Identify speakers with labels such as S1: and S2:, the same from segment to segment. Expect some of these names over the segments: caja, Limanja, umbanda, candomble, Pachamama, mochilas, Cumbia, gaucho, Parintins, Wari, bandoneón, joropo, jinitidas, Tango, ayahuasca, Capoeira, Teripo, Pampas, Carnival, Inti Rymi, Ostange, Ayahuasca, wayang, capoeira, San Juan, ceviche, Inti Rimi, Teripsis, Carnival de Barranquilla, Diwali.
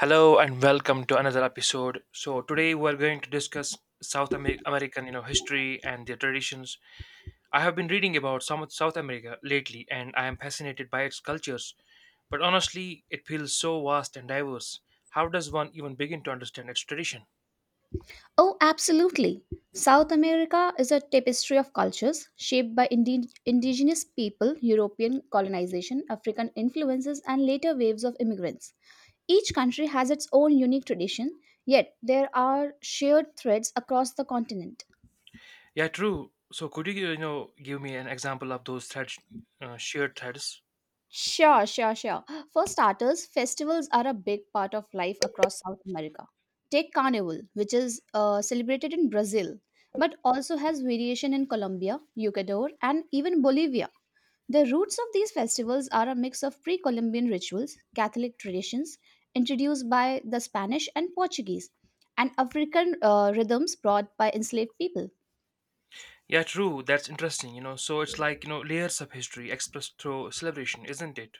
S1: Hello and welcome to another episode. So today we're going to discuss American, history and their traditions. I have been reading about some of South America lately and I am fascinated by its cultures, but honestly, it feels so vast and diverse. How does one even begin to understand its tradition?
S2: Oh, absolutely. South America is a tapestry of cultures shaped by indigenous people, European colonization, African influences, and later waves of immigrants. Each country has its own unique tradition, yet there are shared threads across the continent.
S1: Yeah, true. So could you, give me an example of those threads, shared threads?
S2: Sure, sure, sure. For starters, festivals are a big part of life across South America. Take Carnival, which is celebrated in Brazil, but also has variation in Colombia, Ecuador, and even Bolivia. The roots of these festivals are a mix of pre Columbian rituals, Catholic traditions introduced by the Spanish and Portuguese, and African rhythms brought by enslaved people.
S1: Yeah, true. That's interesting. So it's like, layers of history expressed through celebration, isn't it?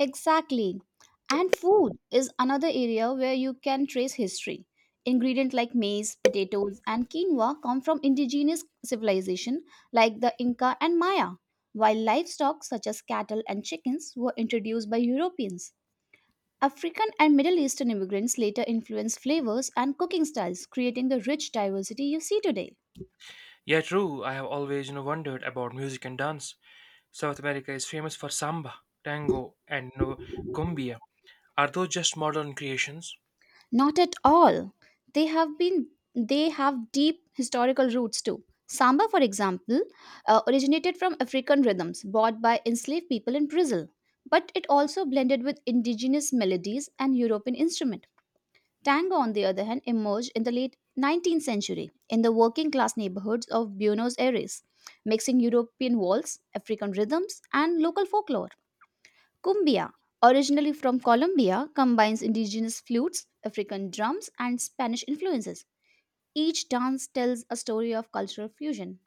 S2: Exactly. And food is another area where you can trace history. Ingredients like maize, potatoes, and quinoa come from indigenous civilization like the Inca and Maya, while livestock such as cattle and chickens were introduced by Europeans. African and Middle Eastern immigrants later influenced flavors and cooking styles, creating the rich diversity you see today.
S1: Yeah, true. I have always, wondered about music and dance. South America is famous for samba, tango, and cumbia. Are those just modern creations?
S2: Not at all. They have been they have deep historical roots too. Samba, for example, originated from African rhythms brought by enslaved people in Brazil, but it also blended with indigenous melodies and European instruments. Tango, on the other hand, emerged in the late 19th century in the working class neighborhoods of Buenos Aires, mixing European waltz, African rhythms, and local folklore. Cumbia, originally from Colombia, combines indigenous flutes, African drums, and Spanish influences. Each dance tells a story of cultural fusion.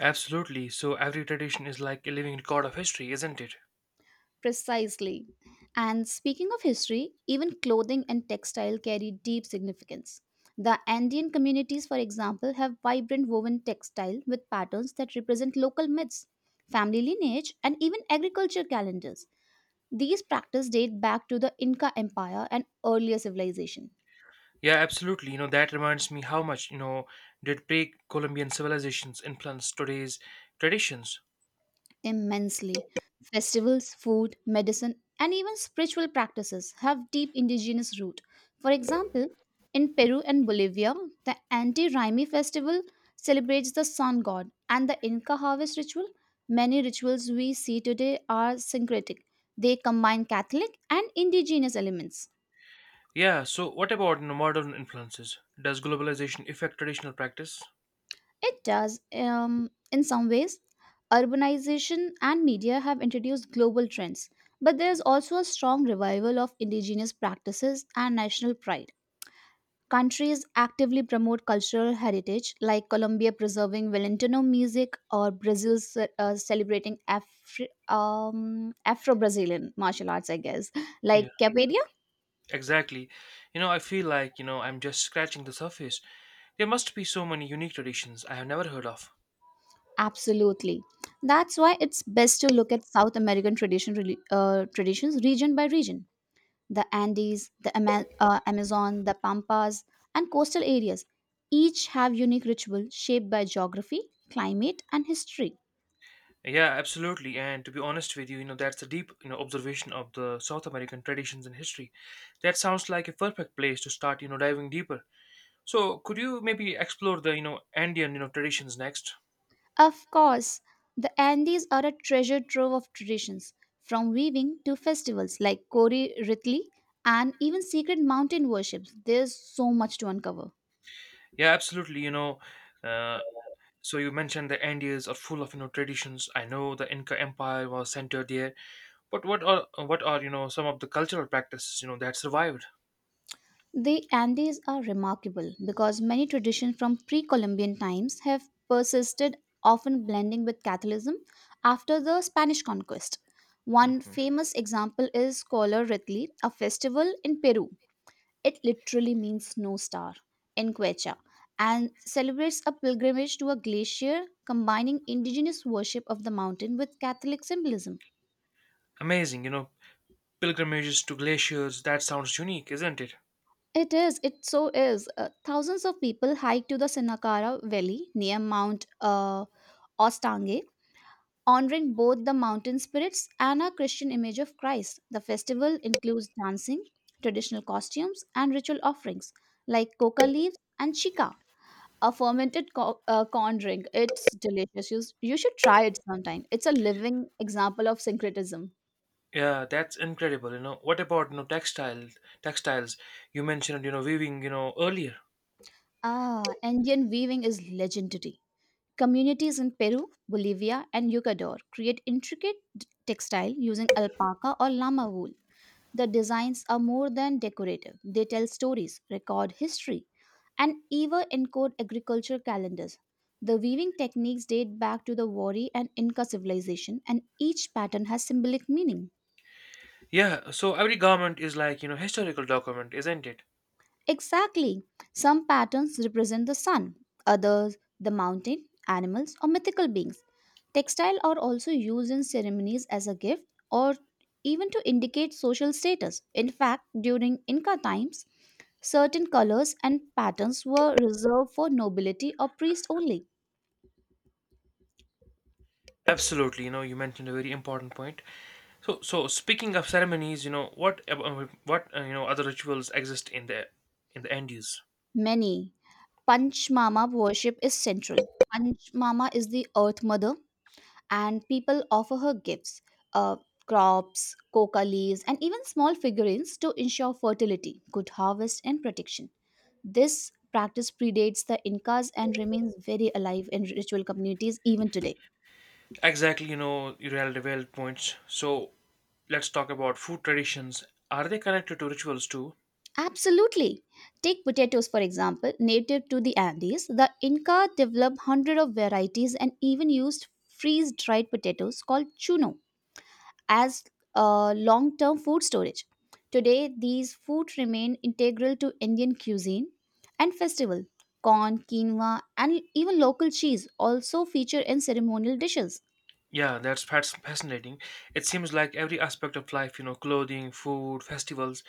S1: Absolutely. So every tradition is like a living record of history, isn't it?
S2: Precisely. And speaking of history, even clothing and textile carry deep significance. The Andean communities, for example, have vibrant woven textile with patterns that represent local myths, family lineage, and even agriculture calendars. These practices date back to the Inca Empire and earlier civilizations.
S1: Yeah, absolutely. That reminds me how much, did pre-Columbian civilizations influence today's traditions.
S2: Immensely. Festivals, food, medicine, and even spiritual practices have deep indigenous root. For example, in Peru and Bolivia, the anti Rimi festival celebrates the sun god and the Inca harvest ritual. Many rituals we see today are syncretic. They combine Catholic and indigenous elements.
S1: Yeah, so what about, modern influences? Does globalization affect traditional practice?
S2: It does. In some ways, urbanization and media have introduced global trends, but there is also a strong revival of indigenous practices and national pride. Countries actively promote cultural heritage, like Colombia preserving Valentino music or Brazil celebrating Afro Brazilian martial arts, I guess,
S1: Yeah.
S2: like Capoeira.
S1: Exactly. I feel like, I'm just scratching the surface. There must be so many unique traditions I have never heard of.
S2: Absolutely. That's why it's best to look at South American tradition, traditions region by region. The Andes, the Amazon, the Pampas, and coastal areas each have unique rituals shaped by geography, climate, and history.
S1: Yeah, absolutely. And to be honest with you, that's a deep, observation of the South American traditions and history. That sounds like a perfect place to start, diving deeper. So, could you maybe explore the, Andean, traditions next?
S2: Of course, the Andes are a treasure trove of traditions, from weaving to festivals like Kori Ritli and even secret mountain worships. There's so much to uncover.
S1: Yeah, absolutely. Uh, so you mentioned the Andes are full of, traditions. I know the Inca Empire was centered there. But what are you know some of the cultural practices you know that survived?
S2: The Andes are remarkable because many traditions from pre Columbian times have persisted, often blending with Catholicism after the Spanish conquest. One
S1: Hmm.
S2: famous example is Color Ritli, a festival in Peru. It literally means snow star in Quechua and celebrates a pilgrimage to a glacier combining indigenous worship of the mountain with Catholic symbolism.
S1: Amazing, pilgrimages to glaciers. That sounds unique, isn't it?
S2: It is. It so is. Thousands of people hike to the Sinacara Valley near Mount Ostange, honoring both the mountain spirits and a Christian image of Christ. The festival includes dancing, traditional costumes, and ritual offerings like coca leaves and chica, a fermented corn drink. It's delicious. You should try it sometime. It's a living example of syncretism.
S1: Yeah, that's incredible. You know, what about you know textiles? Textiles you mentioned, weaving, earlier.
S2: Ah, Indian weaving is legendary. Communities in Peru, Bolivia, and Ecuador create textile using alpaca or llama wool. The designs are more than decorative, they tell stories, record history, and even encode agriculture calendars. The weaving techniques date back to the Wari and Inca civilization, and each pattern has symbolic meaning.
S1: Yeah, so every garment is like you know historical document, isn't it?
S2: Exactly. Some patterns represent the sun, others, the mountain, animals, or mythical beings. Textile are also used in ceremonies as a gift or even to indicate social status. In fact, during Inca times, certain colors and patterns were reserved for nobility or priests only.
S1: Absolutely, you mentioned a very important point. So, speaking of ceremonies, what you know other rituals exist in the Andes?
S2: Many Panchmama worship is central. Panchmama is the earth mother, and people offer her gifts, uh, crops, coca leaves, and even small figurines to ensure fertility, good harvest, and protection. This practice predates the Incas and remains very alive in ritual communities even today.
S1: Exactly, you really valid points. So let's talk about food traditions. Are they connected to rituals too?
S2: Absolutely. Take potatoes for example, native to the Andes, the Inca developed hundreds of varieties and even used freeze-dried potatoes called chuno as long-term food storage. Today, these foods remain integral to Indian cuisine and festival. Corn, quinoa, and even local cheese also feature in ceremonial dishes.
S1: Yeah, that's fascinating. It seems like every aspect of life, clothing, food, festivals,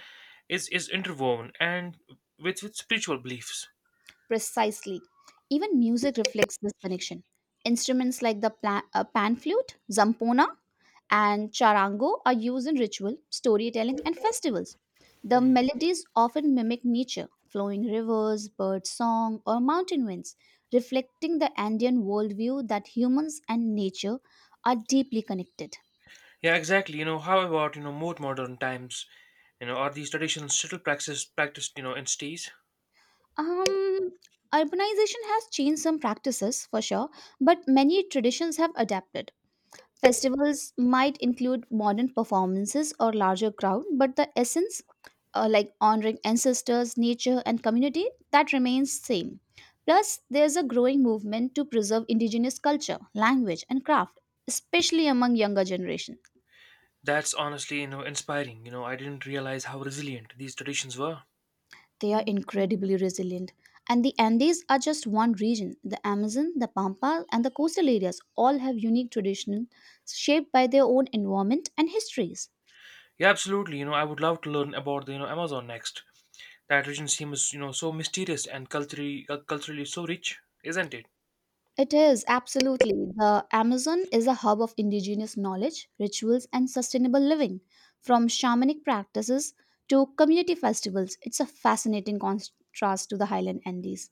S1: is interwoven and with spiritual beliefs.
S2: Precisely. Even music reflects this connection. Instruments like the pan flute, zampona, and charango are used in ritual, storytelling, and festivals. The melodies often mimic nature, flowing rivers, bird song, or mountain winds, reflecting the Andean worldview that humans and nature are deeply connected.
S1: Yeah, exactly. You know, how about you know more modern times? You know, are these traditions still practiced you know in cities?
S2: Um, Urbanization has changed some practices for sure, but many traditions have adapted. Festivals might include modern performances or larger crowd, but the essence, like honoring ancestors, nature, and community, that remains same. Plus, there's a growing movement to preserve indigenous culture, language, and craft, especially among younger generation.
S1: That's honestly you know inspiring. You know, I didn't realize how resilient these traditions were.
S2: They are incredibly resilient. And the Andes are just one region. The Amazon, the Pampas, and the coastal areas all have unique traditions shaped by their own environment and histories.
S1: Yeah, absolutely. You know, I would love to learn about the you know Amazon next. That region seems you know so mysterious and culturally so rich, isn't it?
S2: It is, absolutely. The Amazon is a hub of indigenous knowledge, rituals, and sustainable living. From shamanic practices to community festivals, it's a fascinating contrast to the highland Andes.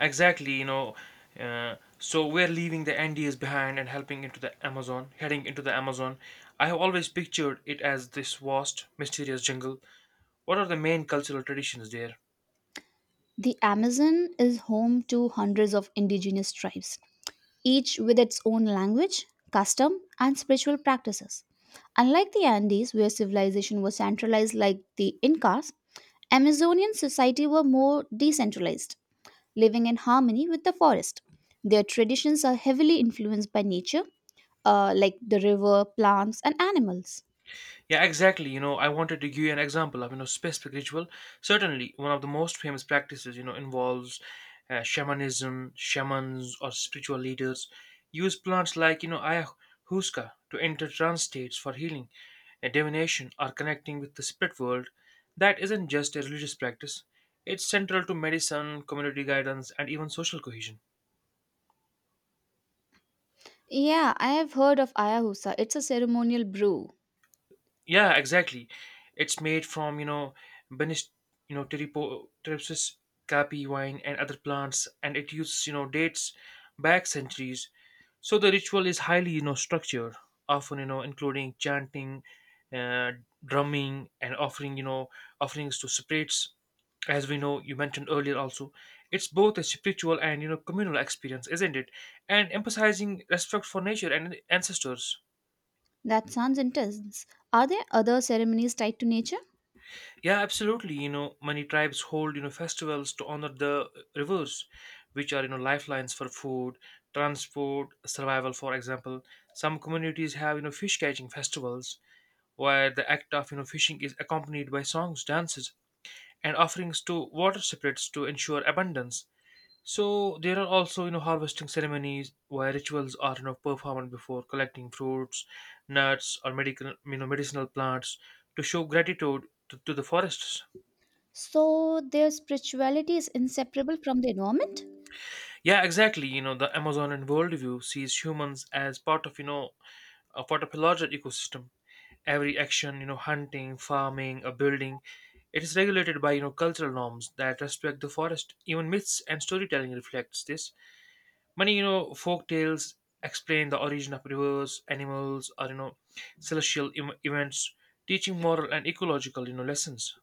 S1: Exactly. So we're leaving the NDAs behind and helping into the Amazon, heading into the Amazon. I have always pictured it as this vast, mysterious jungle. What are the main cultural traditions there?
S2: The Amazon is home to hundreds of indigenous tribes, each with its own language, custom, and spiritual practices. Unlike the Andes, where civilization was centralized like the Incas, Amazonian society were more decentralized, living in harmony with the forest. Their traditions are heavily influenced by nature, like the river, plants, and animals.
S1: Yeah, exactly. You know, I wanted to give you an example of, specific ritual. Certainly, one of the most famous practices, involves shamans, or spiritual leaders use plants like, ayahuasca to enter trance states for healing, and divination, or connecting with the spirit world. That isn't just a religious practice, it's central to medicine, community guidance, and even social cohesion.
S2: Yeah, I have heard of Ayahuasca. It's a ceremonial brew.
S1: Yeah, exactly. It's made from, Benis, Teripsis, capi wine, and other plants, and it uses, dates back centuries. So the ritual is highly, structured, often, including chanting, uh, drumming, and offerings to spirits. As we know, you mentioned earlier also, it's both a spiritual and, communal experience, isn't it? And emphasizing respect for nature and ancestors.
S2: That sounds intense. Are there other ceremonies tied to nature?
S1: Yeah, absolutely. You know, many tribes hold you know festivals to honor the rivers, which are you know lifelines for food, transport, survival. For example, some communities have you know fish catching festivals where the act of you know fishing is accompanied by songs, dances, and offerings to water spirits to ensure abundance. So there are also you know harvesting ceremonies where rituals are you know performed before collecting fruits, nuts, or medical you know medicinal plants to show gratitude to the forests.
S2: So their spirituality is inseparable from the environment?
S1: Yeah, exactly. You know, the Amazonian worldview sees humans as part of, a part of a larger ecosystem. Every action, hunting, farming, or building, it is regulated by, cultural norms that respect the forest. Even myths and storytelling reflects this. Many, folk tales explain the origin of rivers, animals, or, events, teaching moral and ecological, lessons.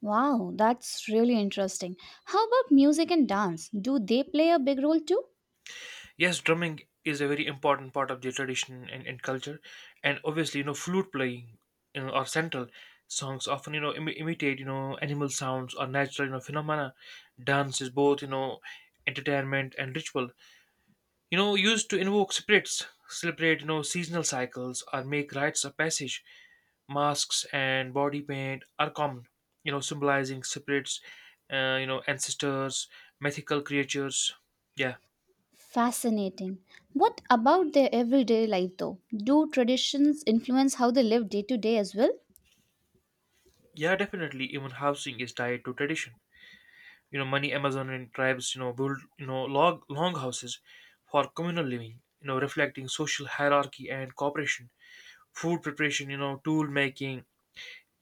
S2: Wow, that's really interesting. How about music and dance? Do they play a big role too?
S1: Yes, drumming is a very important part of the tradition and culture, and obviously, flute playing, or central songs often, imitate, animal sounds or natural, phenomena. Dance is both, entertainment and ritual. You know, used to invoke spirits, celebrate, seasonal cycles, or make rites of passage. Masks and body paint are common, symbolizing spirits, ancestors, mythical creatures. Yeah.
S2: Fascinating. What about their everyday life though? Do traditions influence how they live day to day as well?
S1: Yeah, definitely. Even housing is tied to tradition. You know, many Amazonian tribes, build, log long houses for communal living. You know, reflecting social hierarchy and cooperation. Food preparation, tool making,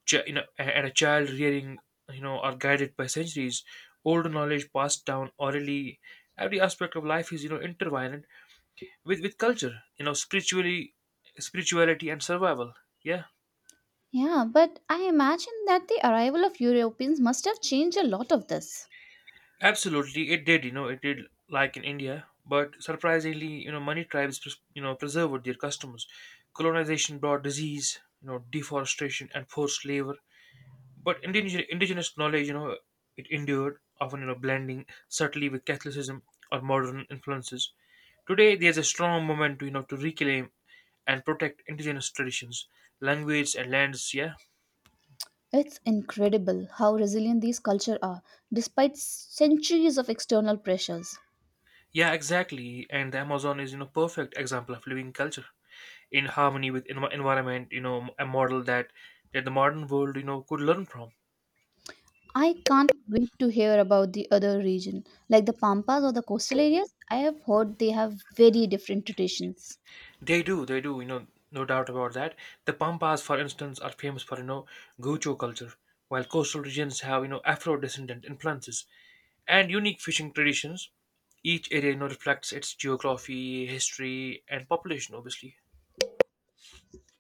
S1: and a child rearing, are guided by centuries old knowledge passed down orally. Every aspect of life is, intertwined with culture. You know, spirituality and survival. Yeah.
S2: Yeah, but I imagine that the arrival of Europeans must have changed a lot of this.
S1: Absolutely, it did. You know, it did like in India, but surprisingly, many tribes, preserved their customs. Colonization brought disease, deforestation and forced labor. But indigenous knowledge, it endured, often you know, blending subtly with Catholicism or modern influences. Today, there's a strong moment, you know, to reclaim and protect indigenous traditions, language, and lands. Yeah,
S2: It's incredible how resilient these cultures are, despite centuries of external pressures.
S1: yeah, exactly. And the Amazon is, perfect example of living culture in harmony with environment, you know, a model that the modern world you know could learn from.
S2: I can't wait to hear about the other region, like the Pampas or the coastal areas. I have heard they have very different traditions.
S1: They do, you know, no doubt about that. The pampas, for instance, are famous for you know gaucho culture, while coastal regions have you know afro descendant influences and unique fishing traditions. Each area you know reflects its geography, history, and population, obviously.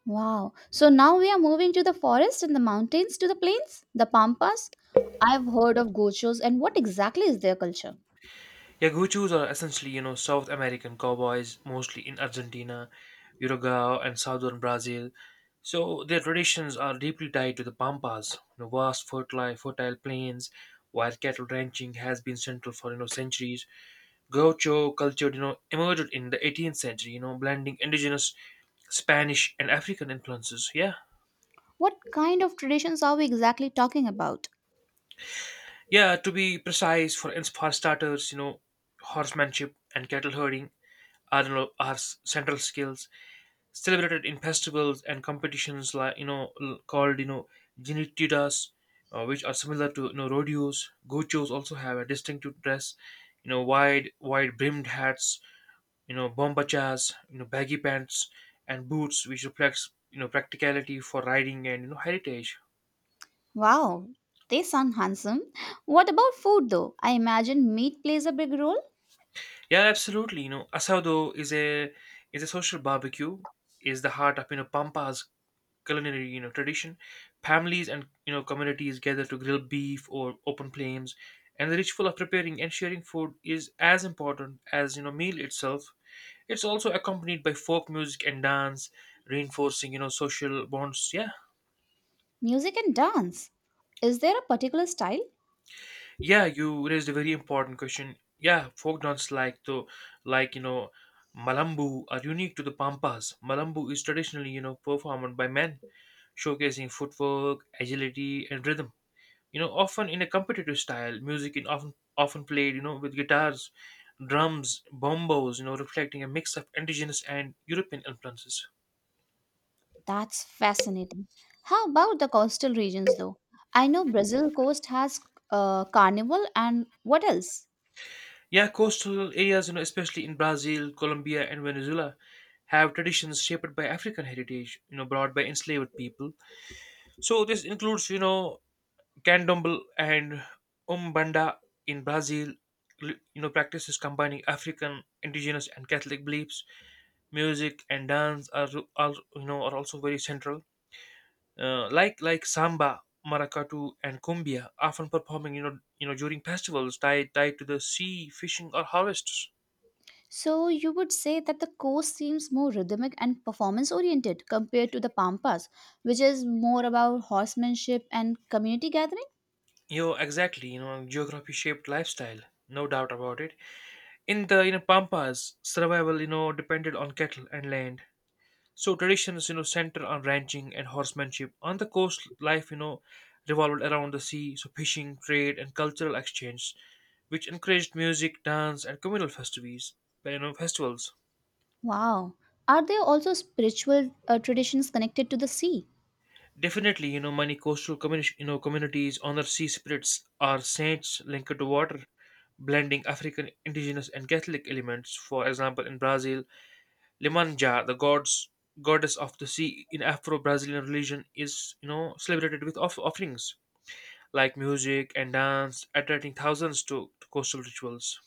S2: Wow. So now we are moving to the forest and the mountains to the plains, the Pampas. I've heard of gochos and what exactly is their culture?
S1: Yaguchos are essentially, South American cowboys, mostly in Argentina, Uruguay, and southern Brazil. So their traditions are deeply tied to the pampas, vast fertile plains, where cattle ranching has been central for you know centuries. Gaucho culture, emerged in the 18th century, blending indigenous Spanish and African influences. Yeah,
S2: What kind of traditions are we exactly talking about?
S1: yeah. To be precise, for starters, horsemanship and cattle herding central skills celebrated in festivals and competitions like you know called you know jinitidas, which are similar to you know rodeos. Gochos also have a distinctive dress, you know, wide brimmed hats, you know, bombachas, you know, baggy pants, and boots, which reflects you know practicality for riding and you know heritage.
S2: Wow, they sound handsome. What about food though? I imagine meat plays a big role,
S1: Yeah, absolutely. You know, asado is a social barbecue, is the heart of you know pampas culinary you know tradition. Families and you know communities gather to grill beef or open flames, and the ritual of preparing and sharing food is as important as you know meal itself. It's also accompanied by folk music and dance, reinforcing you know social bonds. Yeah,
S2: music and dance. Is there a particular style?
S1: yeah, you raised a very important question. Yeah, folk dance like the like you know malambu are unique to the pampas. Malambu is traditionally you know performed by men, showcasing footwork, agility, and rhythm, you know, often in a competitive style. Music is often played, with guitars, drums, bombos, you know, reflecting a mix of indigenous and european influences.
S2: That's fascinating. How about the coastal regions though? I know Brazil coast has carnival and what else?
S1: Yeah, coastal areas you know especially in brazil, colombia, and venezuela have traditions shaped by african heritage, you know, brought by enslaved people. So this includes you know candomble and umbanda in brazil, you know practices combining african, indigenous, and catholic beliefs. Music and dance are you know are also very central, like samba, maracatu, and cumbia, often performing you know during festivals tied to the sea, fishing, or harvests.
S2: So you would say that the course seems more rhythmic and performance oriented compared to the Pampas, which is more about horsemanship and community gathering?
S1: You know exactly, you know geography shaped lifestyle, no doubt about it. In the you know pampas, survival you know depended on cattle and land. So traditions, center on ranching and horsemanship. On the coast, life, revolved around the sea, so fishing, trade, and cultural exchange, which encouraged music, dance, and communal festivals. You know, festivals.
S2: Wow. Are there also spiritual traditions connected to the sea?
S1: Definitely, many coastal communities honor sea spirits or saints linked to water, blending African, indigenous, and Catholic elements. For example, in Brazil, Limanja, the gods goddess of the sea in Afro-Brazilian religion, is celebrated with offerings like music and dance, attracting thousands to coastal rituals.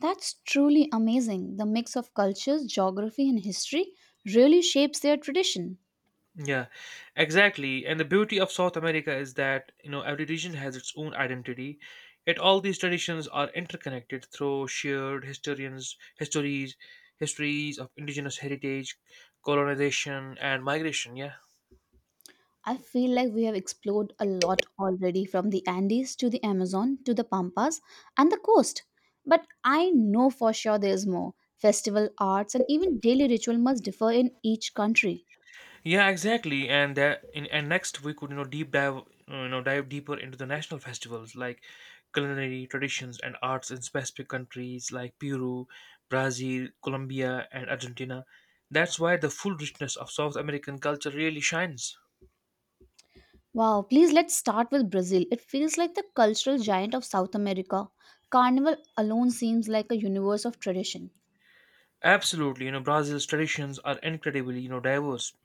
S2: That's truly amazing. The mix of cultures, geography, and history really shapes their tradition.
S1: Yeah, exactly. And the beauty of South America is that, every region has its own identity, yet all these traditions are interconnected through shared histories of indigenous heritage, colonization, and migration. Yeah.
S2: I feel like we have explored a lot already from the Andes to the Amazon to the Pampas and the coast. But I know for sure there is more. Festival arts and even daily ritual must differ in each country.
S1: Yeah, exactly. And next we could you know deep dive you know dive deeper into the national festivals like culinary traditions and arts in specific countries like Peru, Brazil, Colombia, and Argentina. That's why the full richness of South American culture really shines.
S2: Wow, please let's start with Brazil. It feels like the cultural giant of South America. Carnival alone seems like a universe of tradition.
S1: Absolutely, Brazil's traditions are incredibly diverse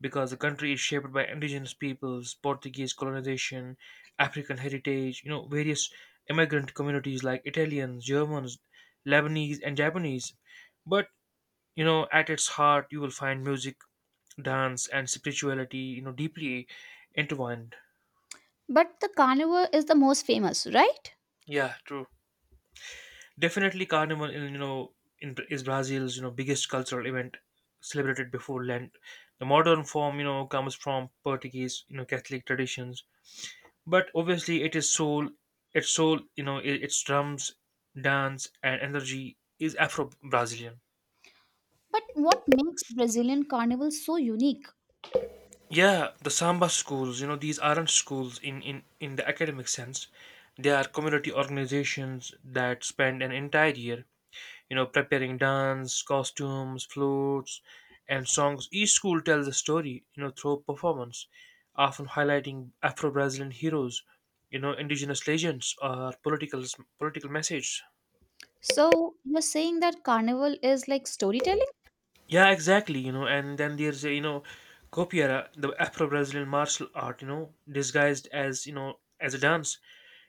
S1: because the country is shaped by indigenous peoples, Portuguese colonization, African heritage, various immigrant communities like Italians, Germans, Lebanese, and Japanese. But, at its heart, you will find music, dance, and spirituality, deeply intertwined.
S2: But the carnival is the most famous, right?
S1: Yeah, true. Definitely, Carnival, in, you know, in, is Brazil's, biggest cultural event celebrated before Lent. The modern form, comes from Portuguese, Catholic traditions, but obviously it is soul its soul you know I- its drums, dance, and energy is Afro Brazilian.
S2: But what makes Brazilian carnival so unique?
S1: Yeah, the samba schools, these aren't schools in the academic sense. They are community organizations that spend an entire year preparing dance costumes, flutes, and songs. Each school tells a story through performance, often highlighting Afro Brazilian heroes, indigenous legends, or political messages.
S2: So you're saying that carnival is like storytelling
S1: Yeah, exactly. And then there's copiera, the Afro-Brazilian martial art, You know, disguised as you know as a dance.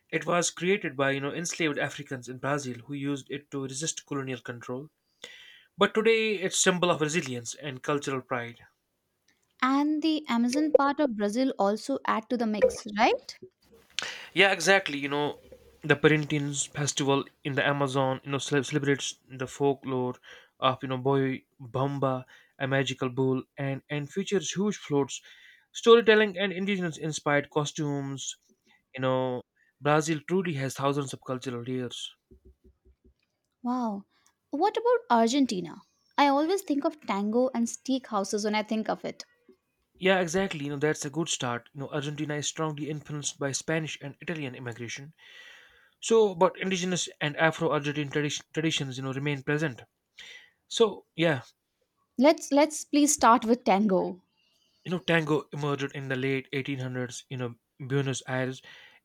S1: It was created by enslaved Africans in Brazil who used it to resist colonial control. But today, it's symbol of resilience and cultural pride.
S2: and the Amazon part of Brazil also add to the mix, right?
S1: Yeah, exactly. The Parintins festival in the Amazon, celebrates the folklore of Boy Bamba, a magical bull, and features huge floats, storytelling, and indigenous-inspired costumes. You know, Brazil truly has thousands of cultural layers.
S2: Wow. What about Argentina? I always think of tango and steakhouses when I think of it.
S1: Yeah, exactly. That's a good start. Argentina is strongly influenced by Spanish and Italian immigration. So, but indigenous and Afro-Argentine traditions, remain present. So, yeah,
S2: Let's please start with tango.
S1: Tango emerged in the late 1800s. Buenos Aires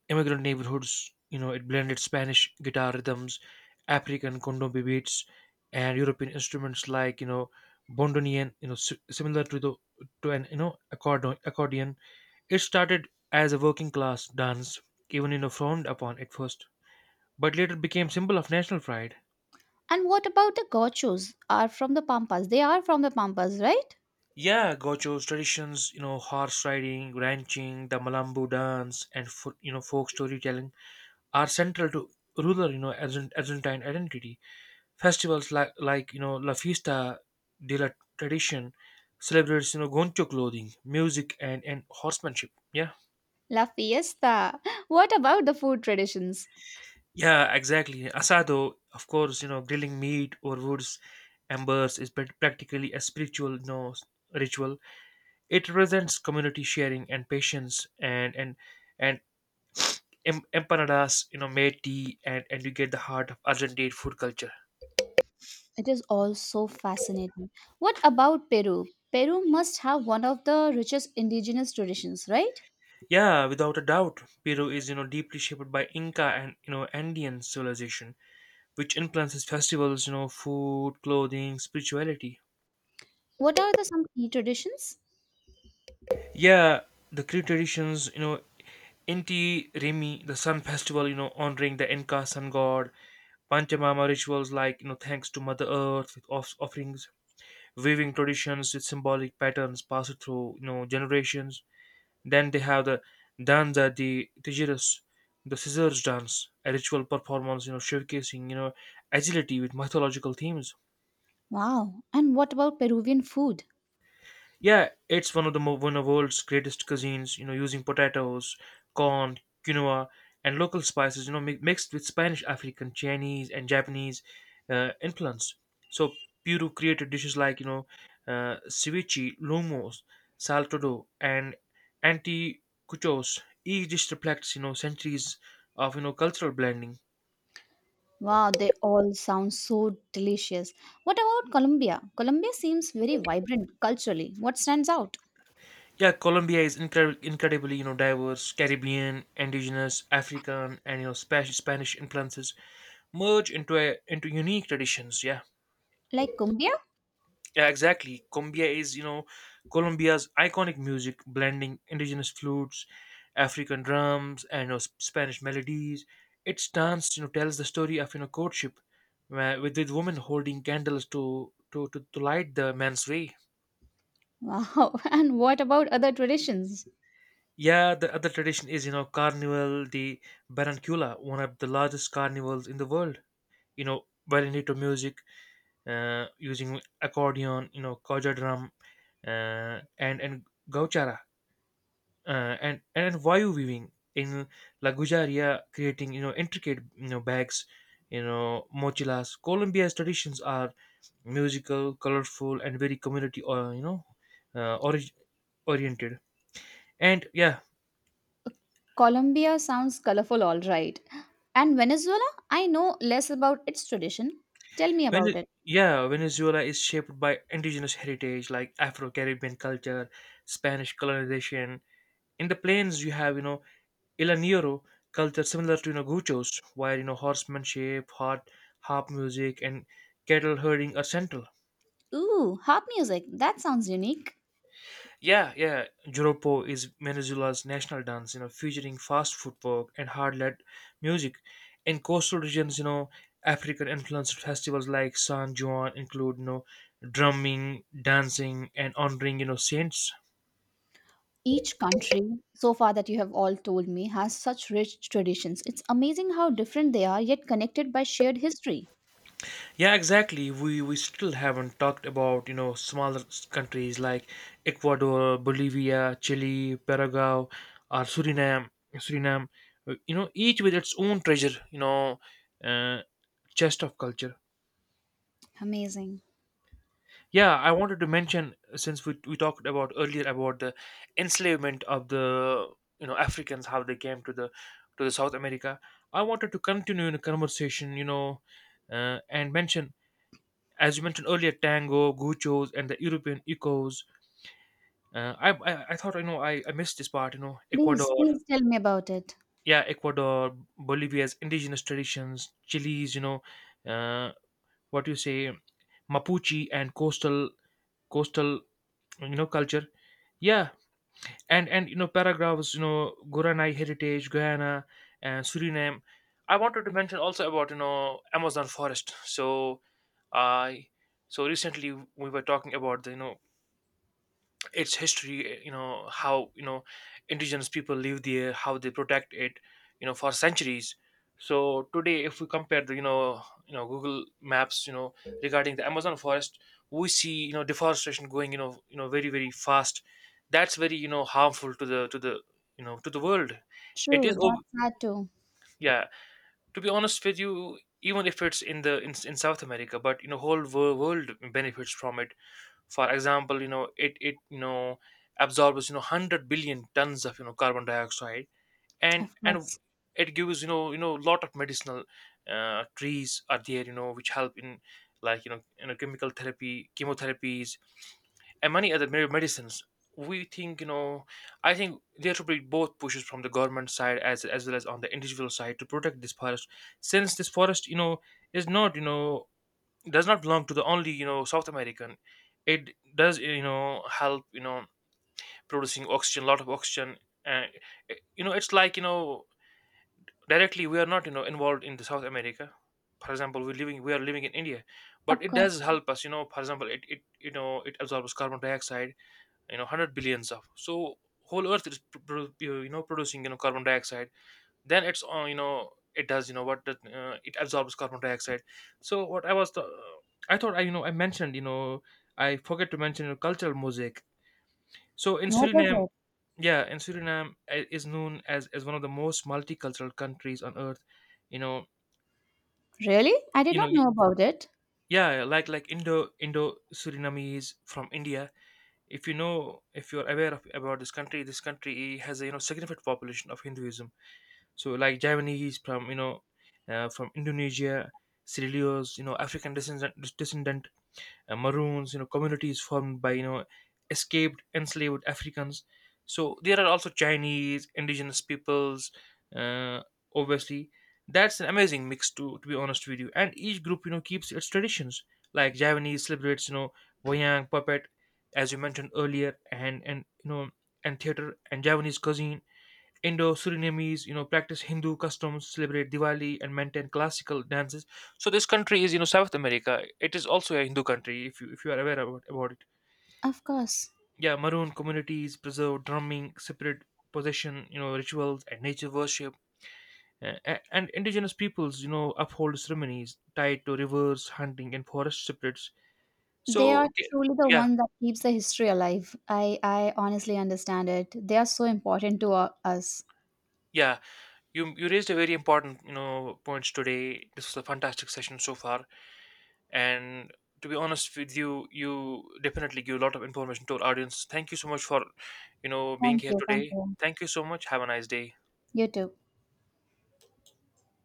S1: immigrant neighborhoods. It blended Spanish guitar rhythms, African condombe beats, and European instruments like bondonian. Similar to an accordion. Accordion. It started as a working class dance, even frowned upon at first, but later became symbol of national pride.
S2: And what about the gauchos are from the Pampas? They are from the Pampas, right?
S1: Yeah, gauchos, traditions, horse riding, ranching, the Malambo dance, and folk storytelling are central to rural, Argentine identity. Festivals like La Fiesta de la Tradition celebrates, goncho clothing, music, and horsemanship. Yeah,
S2: La Fiesta. What about the food traditions?
S1: yeah, exactly. Asado, of course, grilling meat or woods embers is practically a spiritual, ritual. It represents community sharing and patience, and empanadas, made tea, and you get the heart of Argentine food culture.
S2: It is all so fascinating. What about Peru? Peru must have one of the richest indigenous traditions, right?
S1: Yeah, without a doubt, Peru is deeply shaped by Inca and Andean civilization, which influences festivals, food, clothing, spirituality.
S2: What are the some key traditions?
S1: Yeah, the Cree traditions, Inti Rimi, the sun festival, honoring the Inca sun god, Panchamama rituals like thanks to Mother Earth with offerings, weaving traditions with symbolic patterns passed through generations. Then they have the danza di tijeras, the scissors dance, a ritual performance, showcasing, agility with mythological themes.
S2: Wow. And what about Peruvian food?
S1: Yeah, it's one of world's greatest cuisines, using potatoes, corn, quinoa, and local spices, mixed with Spanish, African, Chinese, and Japanese influence. So Peru created dishes like ceviche, lumos, saltado, and anticuchos. Each dish reflects centuries of cultural blending.
S2: Wow, they all sound so delicious. What about Colombia? Colombia seems very vibrant culturally. What stands out?
S1: Yeah, Colombia is incredibly, diverse. Caribbean, indigenous, African, and Spanish influences merge into unique traditions. Yeah,
S2: Like cumbia?
S1: yeah, exactly. Cumbia is, Colombia's iconic music, blending indigenous flutes, African drums, and Spanish melodies. Its dance, tells the story of courtship, where, with the woman holding candles to light the man's way.
S2: Wow. And what about other traditions?
S1: Yeah, the other tradition is, Carnival de Barranquilla, one of the largest carnivals in the world. You know, Vallenato music, using accordion, caja drum, and gauchara, uh, and vayu weaving in La Gujaria, creating intricate bags, mochilas. Colombia's traditions are musical, colorful, and very community, or uh, orig- oriented. And yeah,
S2: Colombia sounds colorful, all right. And Venezuela? I know less about its tradition. Tell me
S1: Vene-
S2: about it.
S1: yeah, Venezuela is shaped by indigenous heritage like Afro-Caribbean culture, Spanish colonization. In the plains, you have El Niño culture similar to Gauchos, where horsemanship, harp music, and cattle herding are central.
S2: Ooh, harp music. That sounds unique.
S1: Yeah, yeah. Joropo is Venezuela's national dance, featuring fast footwork and hard-led music. In coastal regions, African-influenced festivals like San Juan include, drumming, dancing, and honoring, saints.
S2: Each country, so far that you have all told me, has such rich traditions. It's amazing how different they are, yet connected by shared history.
S1: Yeah, exactly. We still haven't talked about, smaller countries like Ecuador, Bolivia, Chile, Paraguay, or Suriname. Suriname, each with its own treasure, uh, chest of culture.
S2: Amazing.
S1: Yeah, I wanted to mention since we talked about earlier about the enslavement of the Africans, how they came to the South America. I wanted to continue in a conversation, and mention, as you mentioned earlier, tango, gauchos, and the European ecos. I, I thought, I, missed this part. You know,
S2: Please,
S1: Ecuador,
S2: please tell me about it.
S1: yeah, Ecuador, Bolivia's indigenous traditions, Chile's, uh, what do you say, Mapuche and coastal culture. Yeah, and paragraphs, guranai heritage, guyana and suriname. I wanted to mention also about Amazon forest. So i so recently, we were talking about the you know its history, how, indigenous people live there, how they protect it, for centuries. So today, if we compare the, Google Maps, regarding the Amazon forest, we see, deforestation going, very very fast. That's very, harmful to the world. it is
S2: True, that's
S1: ob-
S2: sad too.
S1: yeah to be honest with you, even if it's in South America, but whole world benefits from it. For example, it absorbs, 100 billion tons of, carbon dioxide. and
S2: Of
S1: and
S2: course.
S1: it gives, lot of medicinal trees are there, which help in like, chemical therapy chemotherapies and many other medicines. We think you know i think there should be both pushes from the government side as well as on the individual side to protect this forest, since this forest, is not, does not belong to the only, South American. It does, help, producing oxygen, lot of oxygen. And it's like, directly we are not, involved in the South America. For example, we are living in India, but
S2: Of
S1: it
S2: course.
S1: does help us, for example, it absorbs carbon dioxide, 100 billions of. So whole earth is producing, carbon dioxide, then it's all, you know it does you know what that, it absorbs carbon dioxide. So what I was the, I thought I you know I mentioned you know I forget to mention, cultural mosaic. So in
S2: What is
S1: suriname
S2: it?
S1: yeah in Suriname is known as one of the most multicultural countries on earth. you know
S2: Really? I did
S1: you know
S2: not
S1: y-
S2: know about it.
S1: yeah, like Indo Surinamese from India. If if you're aware of about this country has a, significant population of Hinduism. So like Javanese from Indonesia, Sierraleone's, African descendant, Maroons, communities formed by, escaped enslaved Africans. So there are also Chinese indigenous peoples. Uh, obviously, that's an amazing mix to be honest with you. And each group, keeps its traditions. Like Javanese celebrates, wayang puppet, as you mentioned earlier, and you know and theater and Javanese cuisine. Indo-Surinamese, practice Hindu customs, celebrate Diwali, and maintain classical dances. So this country is, South America. It is also a Hindu country, if you are aware about it.
S2: Of course.
S1: Yeah, Maroon communities preserve drumming, separate possession, rituals, and nature worship, and indigenous peoples, uphold ceremonies tied to rivers, hunting, and forest spirits.
S2: They
S1: So,
S2: are
S1: okay,
S2: truly the
S1: yeah,
S2: one that keeps the history alive. I honestly understand it. They are so important to us.
S1: yeah, you raised a very important, points today. This was a fantastic session so far. And to be honest with you definitely give a lot of information to our audience. Thank you so much for being
S2: Thank
S1: here
S2: you.
S1: today.
S2: Thank you.
S1: Thank you so much. Have a nice day.
S2: You too.